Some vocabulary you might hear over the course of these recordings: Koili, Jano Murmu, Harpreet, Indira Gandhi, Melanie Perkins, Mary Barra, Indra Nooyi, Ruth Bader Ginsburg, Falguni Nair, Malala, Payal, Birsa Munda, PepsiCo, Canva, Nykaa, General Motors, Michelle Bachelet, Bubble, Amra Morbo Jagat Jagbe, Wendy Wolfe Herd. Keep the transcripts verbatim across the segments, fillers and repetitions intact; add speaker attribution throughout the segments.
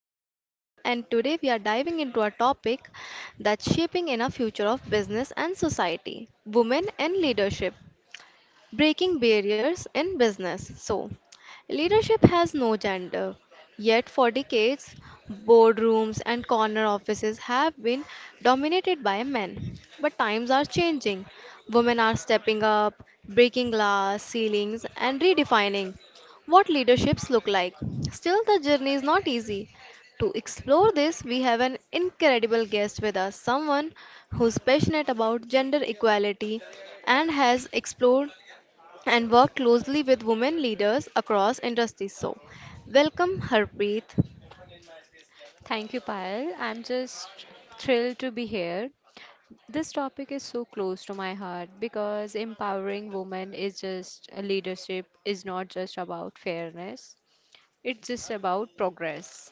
Speaker 1: host Payal, and today we are diving into a topic that's shaping in our future of business and society women and leadership breaking barriers in business. So, leadership has no gender. Yet, for decades, boardrooms and corner offices have been dominated by men. But times are changing. Women are stepping up, breaking glass ceilings, and redefining what leaderships look like. Still, the journey is not easy. To explore this, we have an incredible guest with us, someone who's passionate about gender equality and has explored and work closely with women leaders across industries. So, welcome Harpreet.
Speaker 2: Thank you, Payal. I'm just thrilled to be here. This topic is so close to my heart because empowering women is just leadership is not just about fairness. It's just about progress.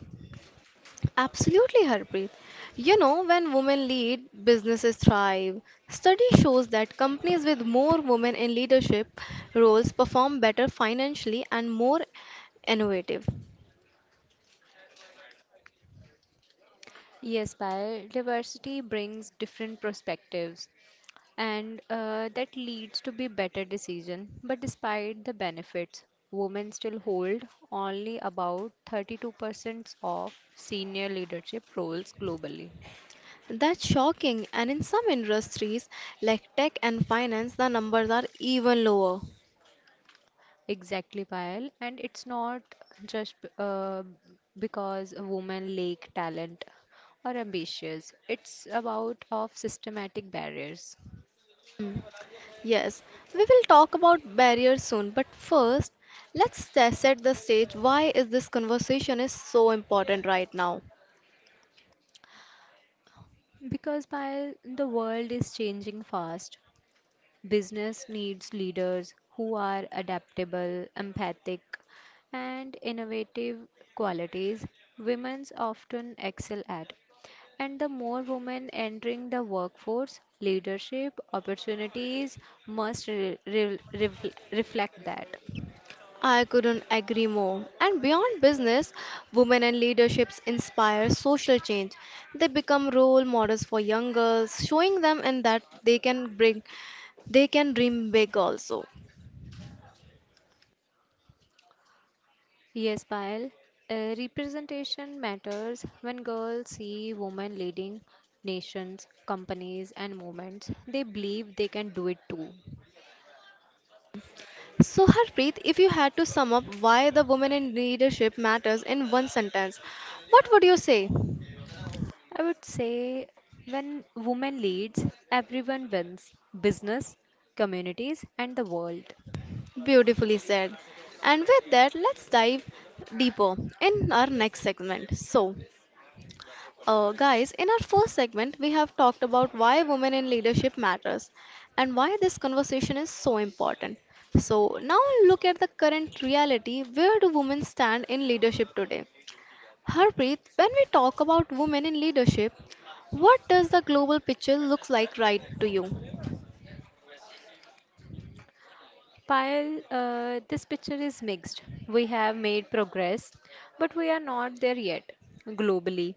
Speaker 1: Absolutely, Harpreet. You know, when women lead, businesses thrive. Study shows that companies with more women in leadership roles perform better financially and more innovative.
Speaker 2: Yes, Payal, diversity brings different perspectives and uh, that leads to be better decision. But despite the benefits, women still hold only about thirty-two percent of senior leadership roles globally.
Speaker 1: That's shocking, and in some industries like tech and finance, the numbers are even lower.
Speaker 2: Exactly, Payal. And it's not just b- uh, because a woman lack talent or ambitious. It's about of systematic barriers.
Speaker 1: Hmm. Yes, we will talk about barriers soon, but first, let's se- set the stage. Why is this conversation is so important right now?
Speaker 2: Because Payal, the world is changing fast. Business needs leaders who are adaptable, empathic, and innovative qualities women often excel at. And the more women entering the workforce, leadership opportunities must re- re- refl- reflect that.
Speaker 1: I couldn't agree more. And beyond business, women and leaderships inspire social change. They become role models for young girls, showing them in that they can bring they can dream big also.
Speaker 2: Yes, Payal. Uh, representation matters when girls see women leading nations, companies, and movements. They believe they can do it too.
Speaker 1: So Harpreet, if you had to sum up why the women in leadership matters in one sentence, what would you say?
Speaker 2: I would say when women leads, everyone wins business, communities, and the world.
Speaker 1: Beautifully said. And with that, let's dive deeper in our next segment. So, uh, guys, in our first segment, we have talked about why women in leadership matters and why this conversation is so important. So, now look at the current reality where do women stand in leadership today? Harpreet, when we talk about women in leadership, what does the global picture look like right to you?
Speaker 2: Payal, uh, this picture is mixed. We have made progress, but we are not there yet globally.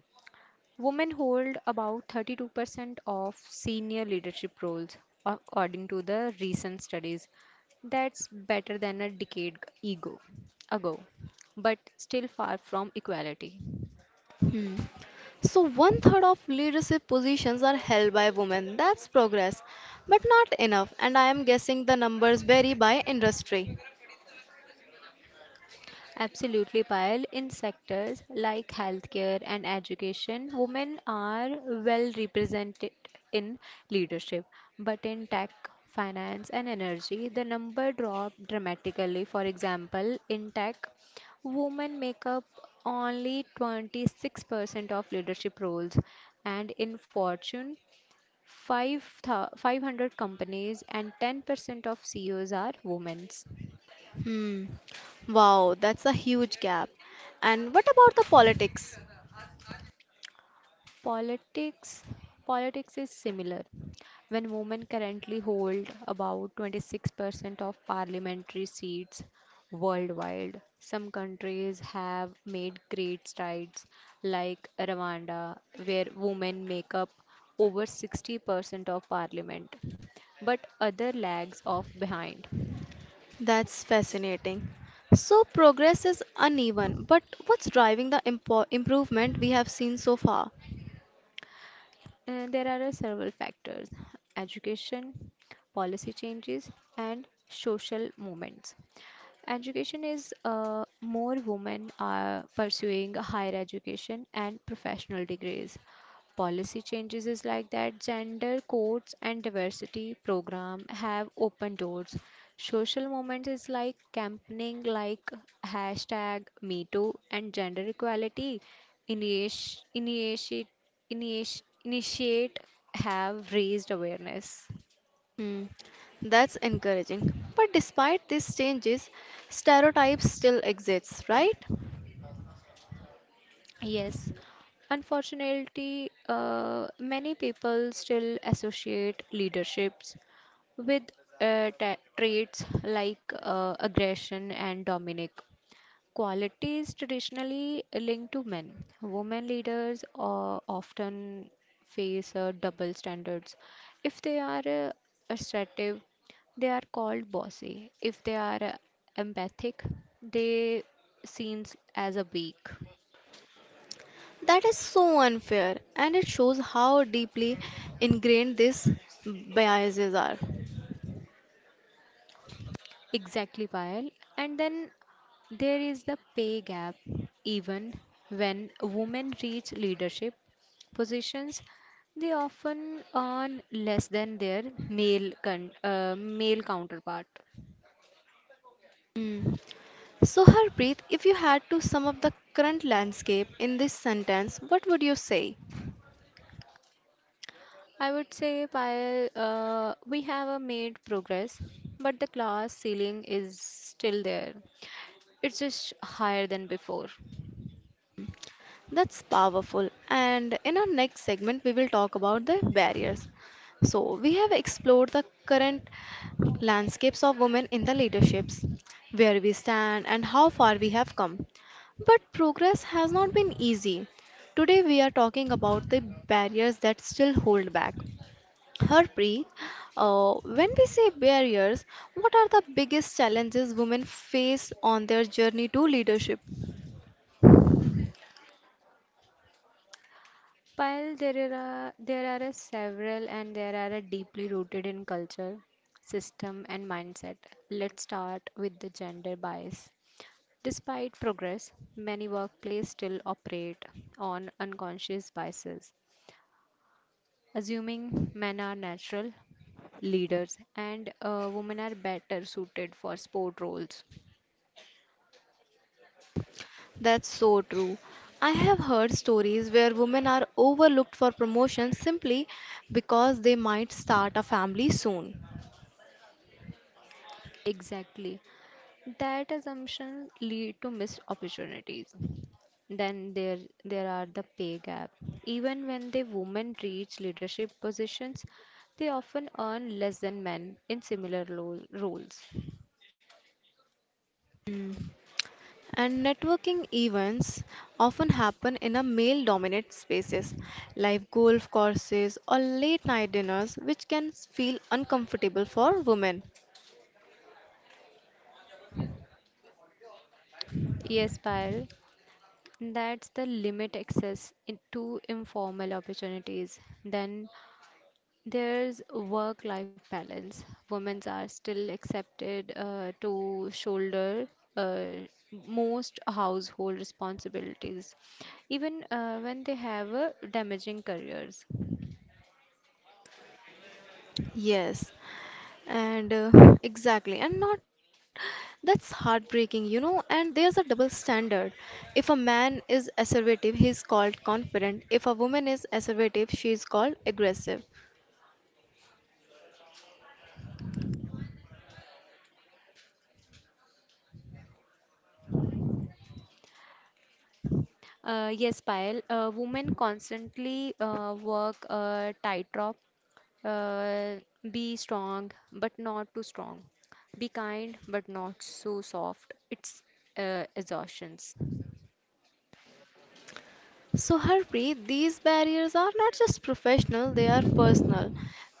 Speaker 2: Women hold about thirty-two percent of senior leadership roles, according to the recent studies. That's better than a decade ago, ago, but still far from equality.
Speaker 1: Hmm. So, one third of leadership positions are held by women. That's progress, but not enough. And I am guessing the numbers vary by industry.
Speaker 2: Absolutely, Payal. In sectors like healthcare and education, women are well represented in leadership. But in tech, finance, and energy, the number dropped dramatically. For example, in tech, women make up only twenty-six percent of leadership roles, and in Fortune, five hundred companies and ten percent of C E Os are women.
Speaker 1: Hmm. Wow, that's a huge gap. And what about the politics?
Speaker 2: Politics politics is similar. When women currently hold about twenty-six percent of parliamentary seats worldwide, some countries have made great strides like Rwanda where women make up over sixty percent of parliament, but other lags off behind.
Speaker 1: That's fascinating. So, progress is uneven, but what's driving the impo- improvement we have seen so far?
Speaker 2: Uh, there are uh, several factors education, policy changes, and social movements. Education is uh, more women are pursuing higher education and professional degrees. Policy changes is like that gender codes and diversity program have open doors. Social movement is like campaigning like hashtag Me Too and gender equality initi- initiate initiate have raised awareness.
Speaker 1: Hmm, that's encouraging. But despite these changes, stereotypes still exists, right?
Speaker 2: Yes, unfortunately, uh, many people still associate leaderships with uh, ta- traits like uh, aggression and dominic qualities traditionally linked to men women leaders uh, often face uh, double standards if they are uh, assertive they are called bossy if they are uh, empathic they seen as a weak.
Speaker 1: That is so unfair, and it shows how deeply ingrained these biases are.
Speaker 2: Exactly, Payal. And then there is the pay gap. Even when women reach leadership positions, they often earn less than their male con- uh, male counterpart.
Speaker 1: Hmm. So, Harpreet, if you had to sum up the current landscape in this sentence, what would you say?
Speaker 2: I would say, Payal, uh, we have uh, made progress, but the class ceiling is still there. It's just higher than before.
Speaker 1: That's powerful. And in our next segment, we will talk about the barriers. So, we have explored the current landscapes of women in the leaderships, where we stand, and how far we have come. But progress has not been easy. Today, we are talking about the barriers that still hold back. Harpreet, uh, when we say barriers, what are the biggest challenges women face on their journey to leadership?
Speaker 2: While there are there are a several and there are a deeply rooted in culture, system and mindset. Let's start with the gender bias. Despite progress, many workplaces still operate on unconscious biases, assuming men are natural leaders and uh, women are better suited for sport roles.
Speaker 1: That's so true. I have heard stories where women are overlooked for promotion simply because they might start a family soon.
Speaker 2: Exactly. That assumption lead to missed opportunities. Then there there are the pay gap. Even when the women reach leadership positions, they often earn less than men in similar lo- roles.
Speaker 1: And networking events often happen in a male dominated spaces like golf courses or late night dinners which can feel uncomfortable for women.
Speaker 2: Yes, Payal, that's the limit access in- to informal opportunities. Then there's work life balance. Women are still accepted uh, to shoulder uh, most household responsibilities, even uh, when they have uh, damaging careers.
Speaker 1: Yes, and uh, exactly, and not that's heartbreaking, you know. And there's a double standard. If a man is assertive, he's called confident. If a woman is assertive, she's called aggressive.
Speaker 2: Uh, yes, Payal, uh, women constantly uh, work a tightrope. Uh, be strong, but not too strong. Be kind, but not so soft. It's uh, exhaustions.
Speaker 1: So, Harpreet, these barriers are not just professional, they are personal,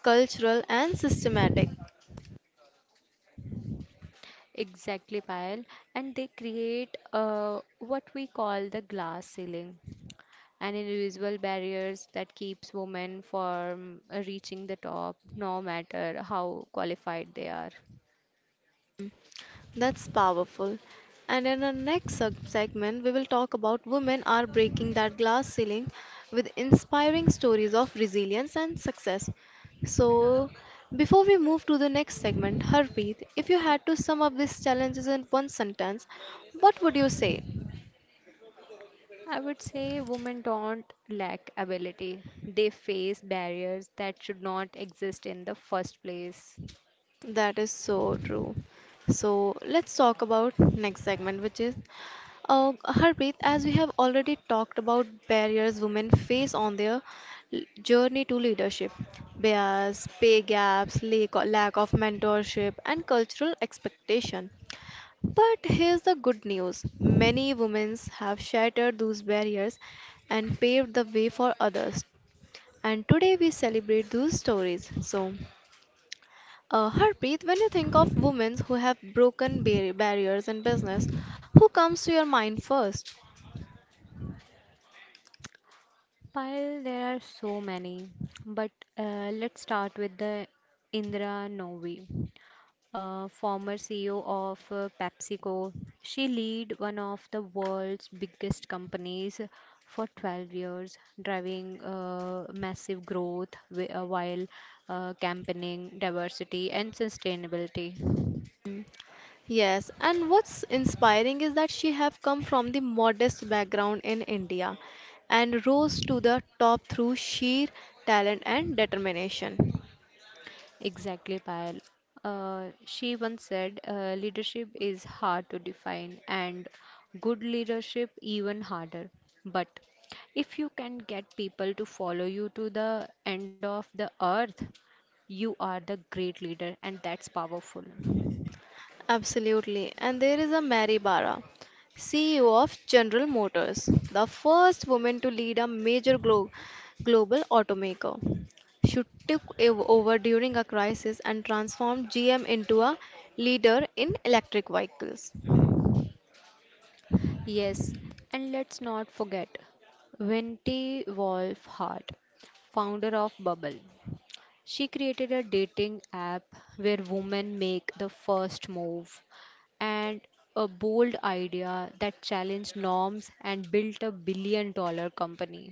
Speaker 1: cultural, and systematic.
Speaker 2: Exactly, Payal. And they create uh, what we call the glass ceiling, an invisible barriers that keeps women from uh, reaching the top, no matter how qualified they are.
Speaker 1: That's powerful. And in our next sub segment, we will talk about women are breaking that glass ceiling with inspiring stories of resilience and success. So, before we move to the next segment, Harpreet, if you had to sum up these challenges in one sentence, what would you say?
Speaker 2: I would say women don't lack ability. They face barriers that should not exist in the first place.
Speaker 1: That is so true. So let's talk about next segment, which is uh, Harpreet. As we have already talked about barriers women face on their l- journey to leadership, bias, pay gaps, lack lack of mentorship, and cultural expectation. But here's the good news. Many women have shattered those barriers and paved the way for others. And today we celebrate those stories. So, uh, Harpreet, when you think of women who have broken bar- barriers in business, who comes to your mind first?
Speaker 2: Pile, there are so many, but uh, let's start with the Indra Novi, uh, former C E O of uh, PepsiCo. She lead one of the world's biggest companies for twelve years, driving uh, massive growth wi- uh, while uh, campaigning diversity and sustainability.
Speaker 1: Mm, yes, and what's inspiring is that she have come from the modest background in India and rose to the top through sheer talent and determination.
Speaker 2: Exactly, Payal. Uh, she once said, uh, leadership is hard to define and good leadership even harder. But if you can get people to follow you to the end of the earth, you are the great leader, and that's powerful.
Speaker 1: Absolutely. And there is a Mary Barra, C E O of General Motors, the first woman to lead a major glo- global automaker. She took ev- over during a crisis and transformed G M into a leader in electric vehicles.
Speaker 2: Yes, and let's not forget Wendy Wolf Hart, founder of Bubble. She created a dating app where women make the first move and a bold idea that challenged norms and built a billion dollar company.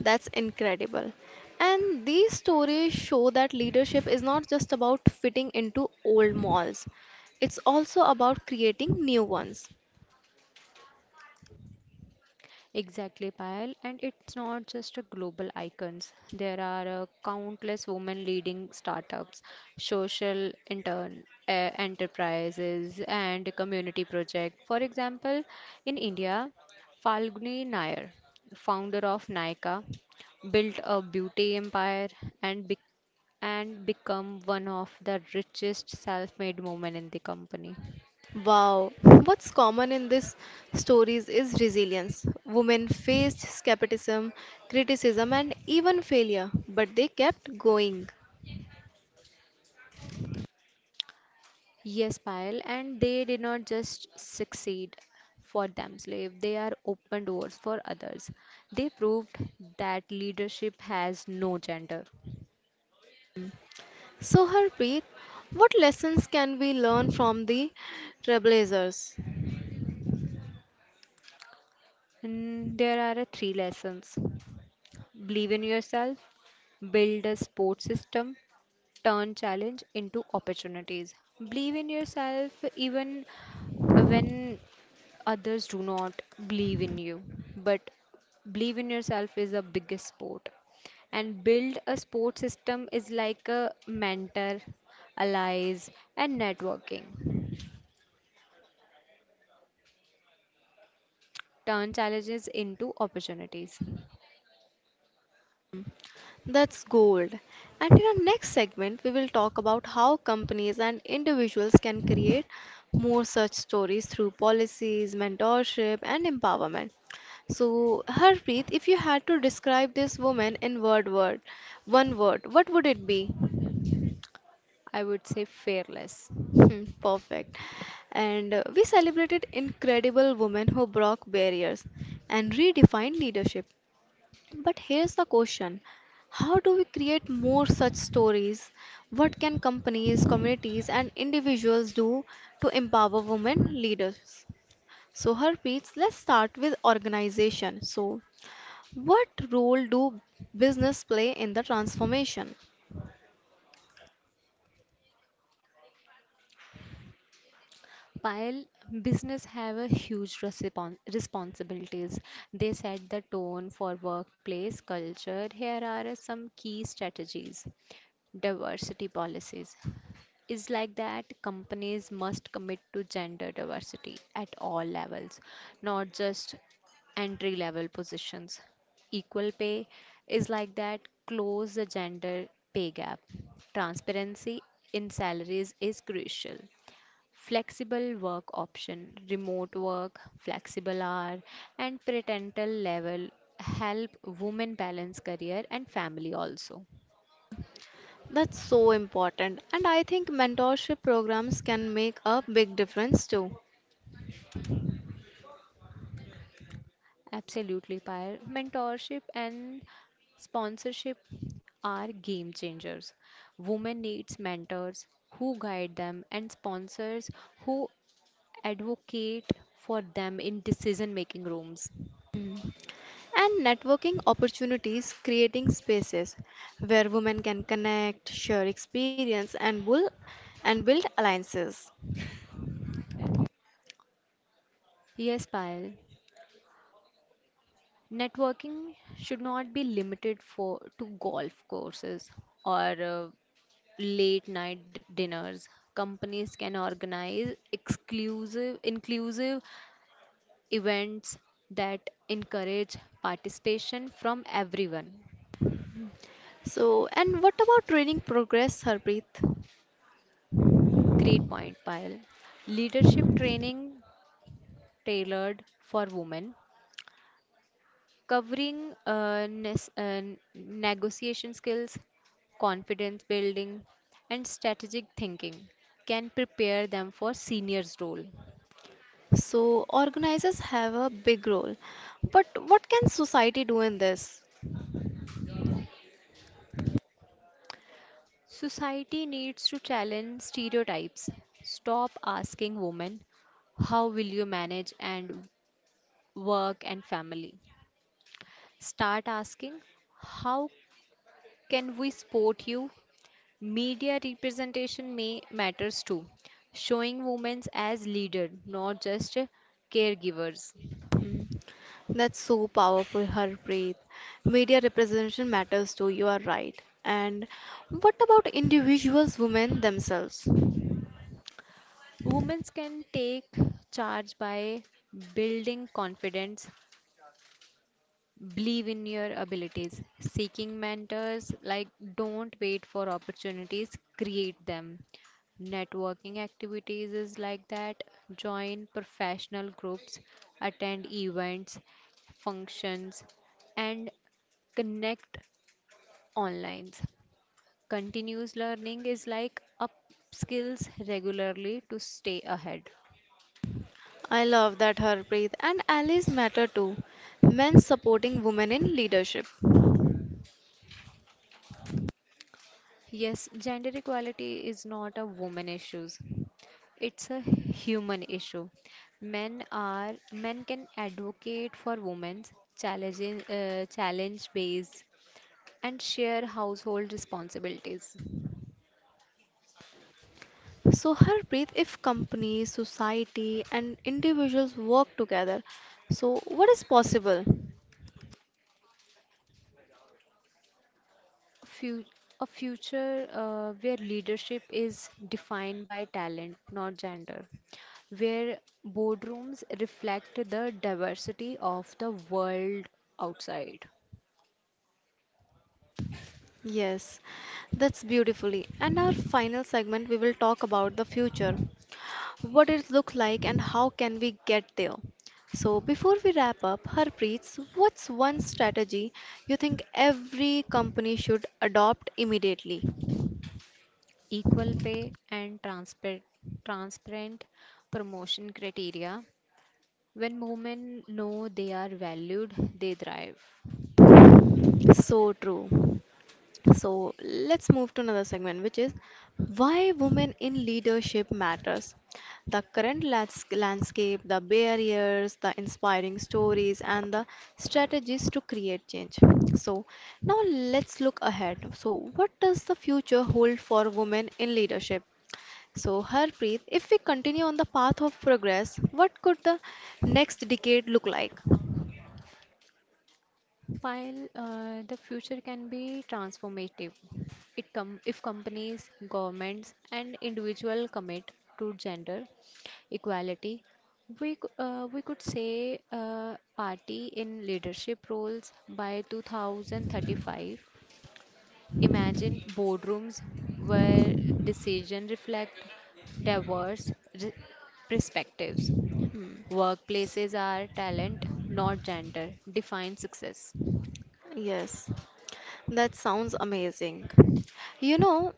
Speaker 1: That's incredible. And these stories show that leadership is not just about fitting into old molds, it's also about creating new ones.
Speaker 2: Exactly, Payal. And it's not just a global icons. There are uh, countless women leading startups, social intern uh, enterprises, and community project. For example, in India, Falguni Nair, founder of Nykaa, built a beauty empire and bec- and become one of the richest self-made women in the company.
Speaker 1: Wow, what's common in these stories is resilience. Women faced skepticism, criticism, and even failure, but they kept going.
Speaker 2: Yes, Payal, and they did not just succeed for themselves, they are open doors for others. They proved that leadership has no gender.
Speaker 1: So, Harpreet, what lessons can we learn from the trailblazers?
Speaker 2: And there are uh, three lessons believe in yourself, build a support system, turn challenge into opportunities. Believe in yourself even when others do not believe in you but believe in yourself is the biggest sport and build a sport system is like a mentor allies and networking turn challenges into opportunities.
Speaker 1: That's gold. And in our next segment, we will talk about how companies and individuals can create more such stories through policies, mentorship, and empowerment. So, Harpreet, if you had to describe this woman in word word, one word, what would it be?
Speaker 2: I would say fearless.
Speaker 1: Hmm, perfect. And uh, we celebrated incredible women who broke barriers and redefined leadership. But here's the question: how do we create more such stories? What can companies, communities, and individuals do to empower women leaders? So, Harpreet, let's start with organization. So, what role do business play in the transformation?
Speaker 2: While business have a huge respon- responsibilities they set the tone for workplace culture here are some key strategies diversity policies is like that companies must commit to gender diversity at all levels, not just entry level positions. Equal pay is like that, close the gender pay gap. Transparency in salaries is crucial. Flexible work option, remote work, flexible hour, and parental level help women balance career and family also.
Speaker 1: That's so important, and I think mentorship programs can make a big difference too.
Speaker 2: Absolutely, Pyre. Mentorship and sponsorship are game changers. Women needs mentors who guide them and sponsors who advocate for them in decision making rooms.
Speaker 1: Hmm. And networking opportunities creating spaces where women can connect share experience and build and build alliances.
Speaker 2: Yes, Payal. Networking should not be limited for to golf courses or uh, late night dinners. Companies can organize exclusive inclusive events that encourage participation from everyone.
Speaker 1: So, and what about training progress Harpreet?
Speaker 2: Great point, Payal. Leadership training tailored for women, covering uh, nes- uh, negotiation skills, confidence building, and strategic thinking can prepare them for seniors' role.
Speaker 1: So organizers have a big role, but what can society do in this?
Speaker 2: Society needs to challenge stereotypes. Stop asking women, how will you manage and work and family? Start asking, how can we support you? Media representation may matters too, showing women as leader, not just caregivers.
Speaker 1: Hmm, that's so powerful, Harpreet. Media representation matters too, you are right. And what about individuals, women themselves?
Speaker 2: Women can take charge by building confidence, believe in your abilities. Seeking mentors, like don't wait for opportunities, create them. Networking activities is like that. Join professional groups, attend events, functions, and connect online. Continuous learning is like up skills regularly to stay ahead.
Speaker 1: I love that Harpreet and allies matter too. Men supporting women in leadership.
Speaker 2: Yes, gender equality is not a woman issue. It's a human issue. Men are men can advocate for women's challenging uh, challenge based and share household responsibilities.
Speaker 1: So, Harpreet, if companies, society, and individuals work together, so what is possible?
Speaker 2: A, fu- a future uh, where leadership is defined by talent, not gender. Where boardrooms reflect the diversity of the world outside.
Speaker 1: Yes, that's beautifully. And our final segment, we will talk about the future, what it look like, and how can we get there. So, before we wrap up, Harpreet, what's one strategy you think every company should adopt immediately?
Speaker 2: Equal pay and transparent transparent promotion criteria when women know they are valued they thrive.
Speaker 1: So true. So let's move to another segment, which is why women in leadership matters. The current lands- landscape, the barriers, the inspiring stories, and the strategies to create change. So now let's look ahead. So what does the future hold for women in leadership? So Harpreet, if we continue on the path of progress, what could the next decade look like?
Speaker 2: While uh, the future can be transformative it com- if companies governments and individual commit to gender equality we, c- uh, we could say uh, party in leadership roles by two thousand thirty-five. Imagine boardrooms where decisions reflect diverse re- perspectives. Workplaces are talent, not gender, define success.
Speaker 1: Yes, that sounds amazing. You know,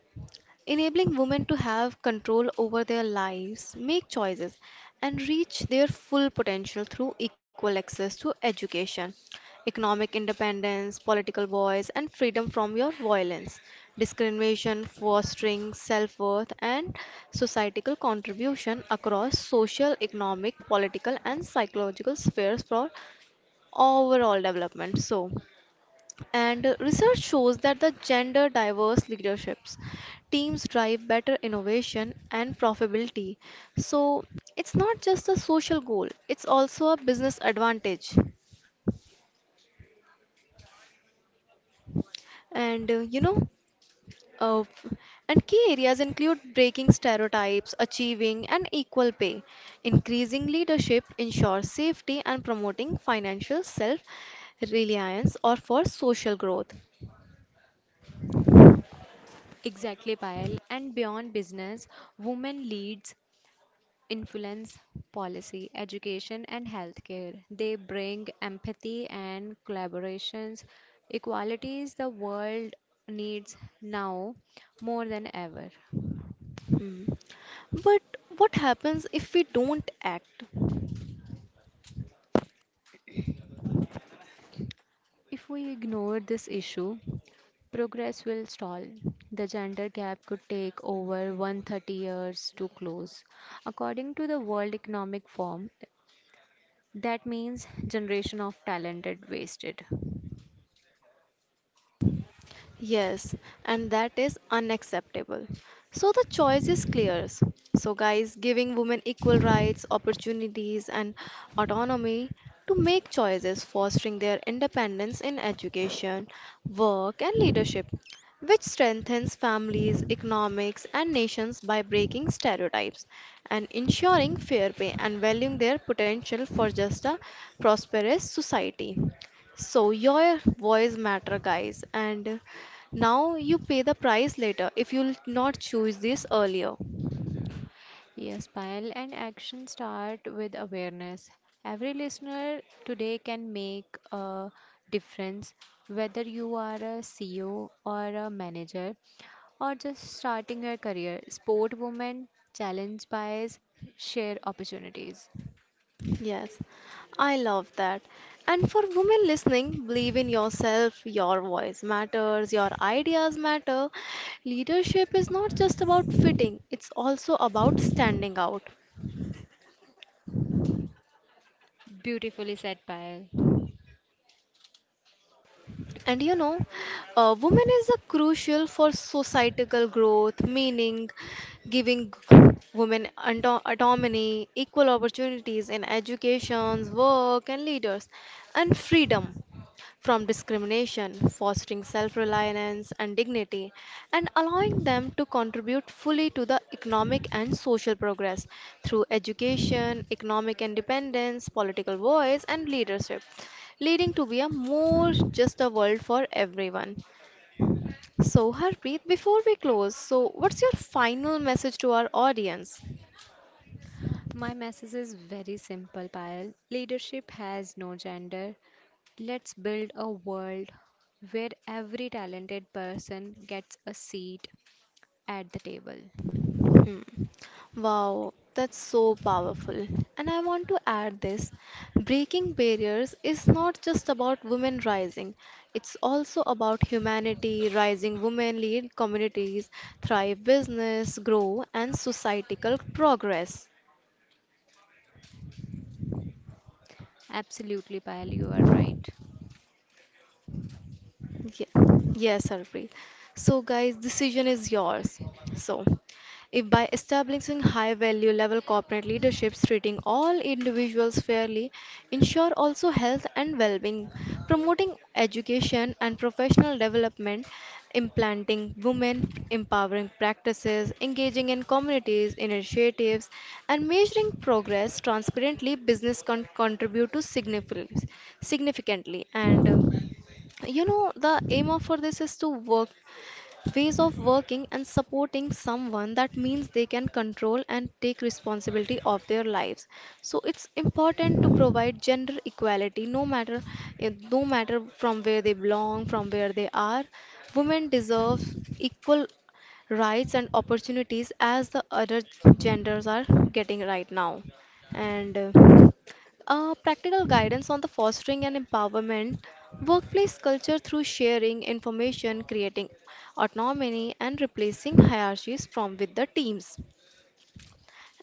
Speaker 1: enabling women to have control over their lives, make choices, and reach their full potential through equal access to education, economic independence, political voice, and freedom from your violence, discrimination, fostering self worth, and societal contribution across social, economic, political, and psychological spheres for overall development. So, and uh, research shows that the gender diverse leaderships teams drive better innovation and profitability. So it's not just a social goal, it's also a business advantage. And uh, you know, uh, and key areas include breaking stereotypes, achieving an equal pay. Increasing leadership ensures safety and promoting financial self reliance or for social growth.
Speaker 2: Exactly, Payal. And beyond business, women leads influence policy, education, and healthcare. They bring empathy and collaborations. Equality is the world needs now more than ever.
Speaker 1: Hmm. But what happens if we don't act?
Speaker 2: If we ignore this issue, progress will stall. The gender gap could take over one hundred thirty years to close. According to the World Economic Forum, that means generation of talented wasted.
Speaker 1: Yes, and that is unacceptable. So the choice is clear. So, guys, giving women equal rights, opportunities, and autonomy to make choices, fostering their independence in education, work, and leadership, which strengthens families, economics, and nations by breaking stereotypes and ensuring fair pay and valuing their potential for just a prosperous society. So your voice matter guys and now you pay the price later if you'll not choose this earlier.
Speaker 2: Yes, Payal, and action start with awareness. Every listener today can make a difference, whether you are a C E O or a manager or just starting your career. Sport women challenge bias, share opportunities.
Speaker 1: Yes, I love that. And for women listening, believe in yourself, your voice matters, your ideas matter. Leadership is not just about fitting, it's also about standing out.
Speaker 2: Beautifully said, Payal.
Speaker 1: And you know, uh, women is a crucial for societal growth, meaning giving women auto- autonomy, equal opportunities in educations, work, and leaders, and freedom from discrimination, fostering self reliance and dignity, and allowing them to contribute fully to the economic and social progress through education, economic independence, political voice, and leadership, leading to be a more just a world for everyone. So, Harpreet, before we close, so what's your final message to our audience?
Speaker 2: My message is very simple, Payal. Leadership has no gender. Let's build a world where every talented person gets a seat at the table.
Speaker 1: Hmm. Wow, that's so powerful. And I want to add this: breaking barriers is not just about women rising, it's also about humanity rising. Women lead communities, thrive business, grow, and societal progress.
Speaker 2: Absolutely, Payal, you are right.
Speaker 1: Ye- Yes, Harpreet. So, guys, decision is yours. So, if by establishing high value level corporate leaderships, treating all individuals fairly, ensure also health and well being, promoting education and professional development, implanting women empowering practices, engaging in communities, initiatives, and measuring progress transparently, business con- contribute to significantly significantly. And uh, you know, the aim of for this is to work ways of working and supporting someone that means they can control and take responsibility of their lives, so it's important to provide gender equality no matter eh, no matter from where they belong from where they are, women deserve equal rights and opportunities as the other genders are getting right now. And uh, uh, practical guidance on the fostering and empowerment workplace culture through sharing information creating autonomy and replacing hierarchies from with the teams.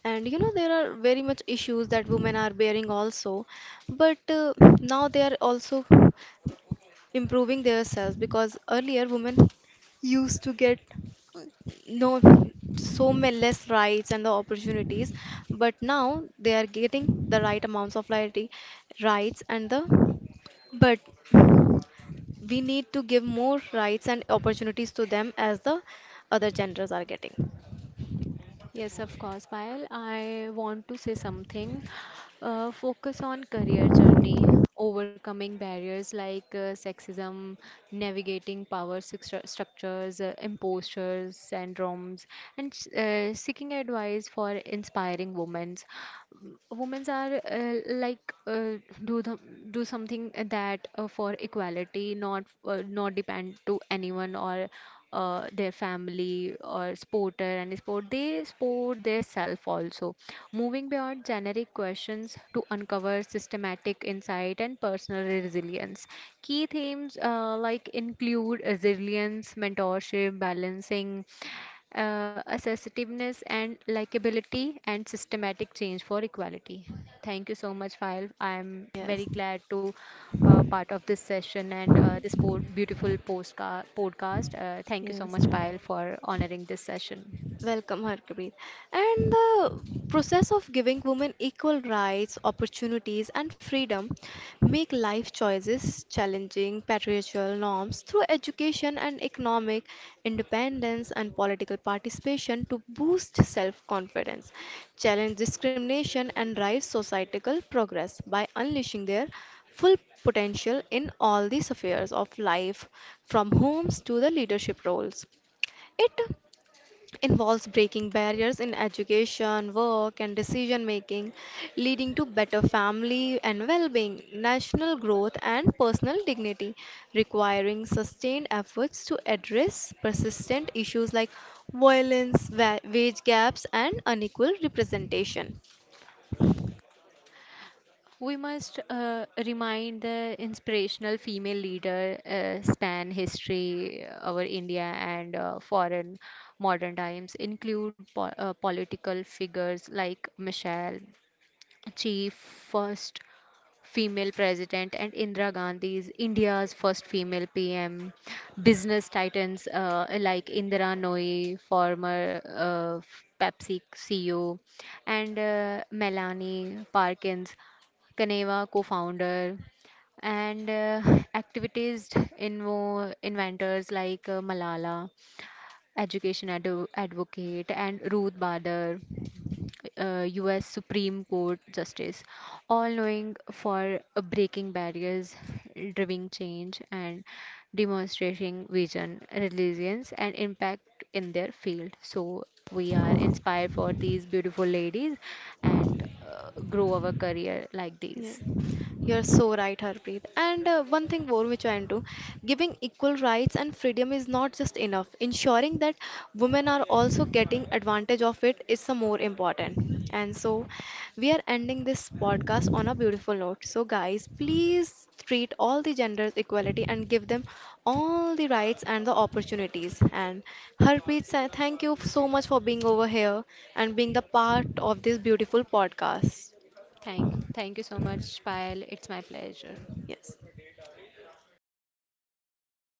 Speaker 1: And you know there are very much issues that women are bearing also, but uh, now they are also improving themselves, because earlier women used to get no so many less rights and the opportunities, but now they are getting the right amounts of lighty- rights and the, but we need to give more rights and opportunities to them as the other genders are getting
Speaker 2: Yes, of course, Payal. I want to say something. Uh, focus on career journey, overcoming barriers like uh, sexism, navigating power structure- structures, uh, impostures, syndromes, and uh, seeking advice for inspiring women. Women are uh, like uh, do the, do something that uh, for equality, not uh, not depend to anyone or uh, their family or sporter and sport they sport their self also moving beyond generic questions to uncover systematic insight and personal resilience key themes uh, like include resilience mentorship balancing uh, assertiveness and likability and systematic change for equality. Thank you so much file I am
Speaker 1: yes.
Speaker 2: very glad to uh, part of this session and uh, this po- beautiful postca- podcast. Uh, thank you so
Speaker 1: Yes.
Speaker 2: much file for honoring this session.
Speaker 1: Welcome, Harpreet. And the process of giving women equal rights, opportunities, and freedom make life choices challenging patriarchal norms through education and economic independence and political participation to boost self confidence, challenge discrimination, and drive societal progress by unleashing their full potential in all the spheres of life, from homes to the leadership roles. It involves breaking barriers in education, work, and decision making, leading to better family and well being, national growth, and personal dignity, requiring sustained efforts to address persistent issues like violence, wa- wage gaps, and unequal representation.
Speaker 2: We must uh, remind the inspirational female leader uh, span history our india and uh, foreign modern times include po- uh, political figures like michelle chief, first female president, and Indira Gandhi is India's first female P M. Business titans uh, like Indira Nooyi, former uh, Pepsi C E O, and uh, Melanie Parkins, Kaneva co-founder and uh, activities invo inventors like uh, Malala education ado- advocate, and Ruth Bader, uh, U S Supreme Court Justice, all knowing for uh, breaking barriers, driving change, and demonstrating vision, resilience, and impact in their field. So we are inspired for these beautiful ladies and uh, grow our career like
Speaker 1: Yeah.
Speaker 2: these.
Speaker 1: You're so right, Harpreet. And uh, one thing more which I do, giving equal rights and freedom is not just enough. Ensuring that women are also getting advantage of it is some more important. And so, we are ending this podcast on a beautiful note. So, guys, please treat all the genders equality and give them all the rights and the opportunities. And Harpreet, sa- thank you so much for being over here and being the part of this beautiful podcast.
Speaker 2: Thank, thank you so much, Payal. It's my pleasure.
Speaker 1: Yes.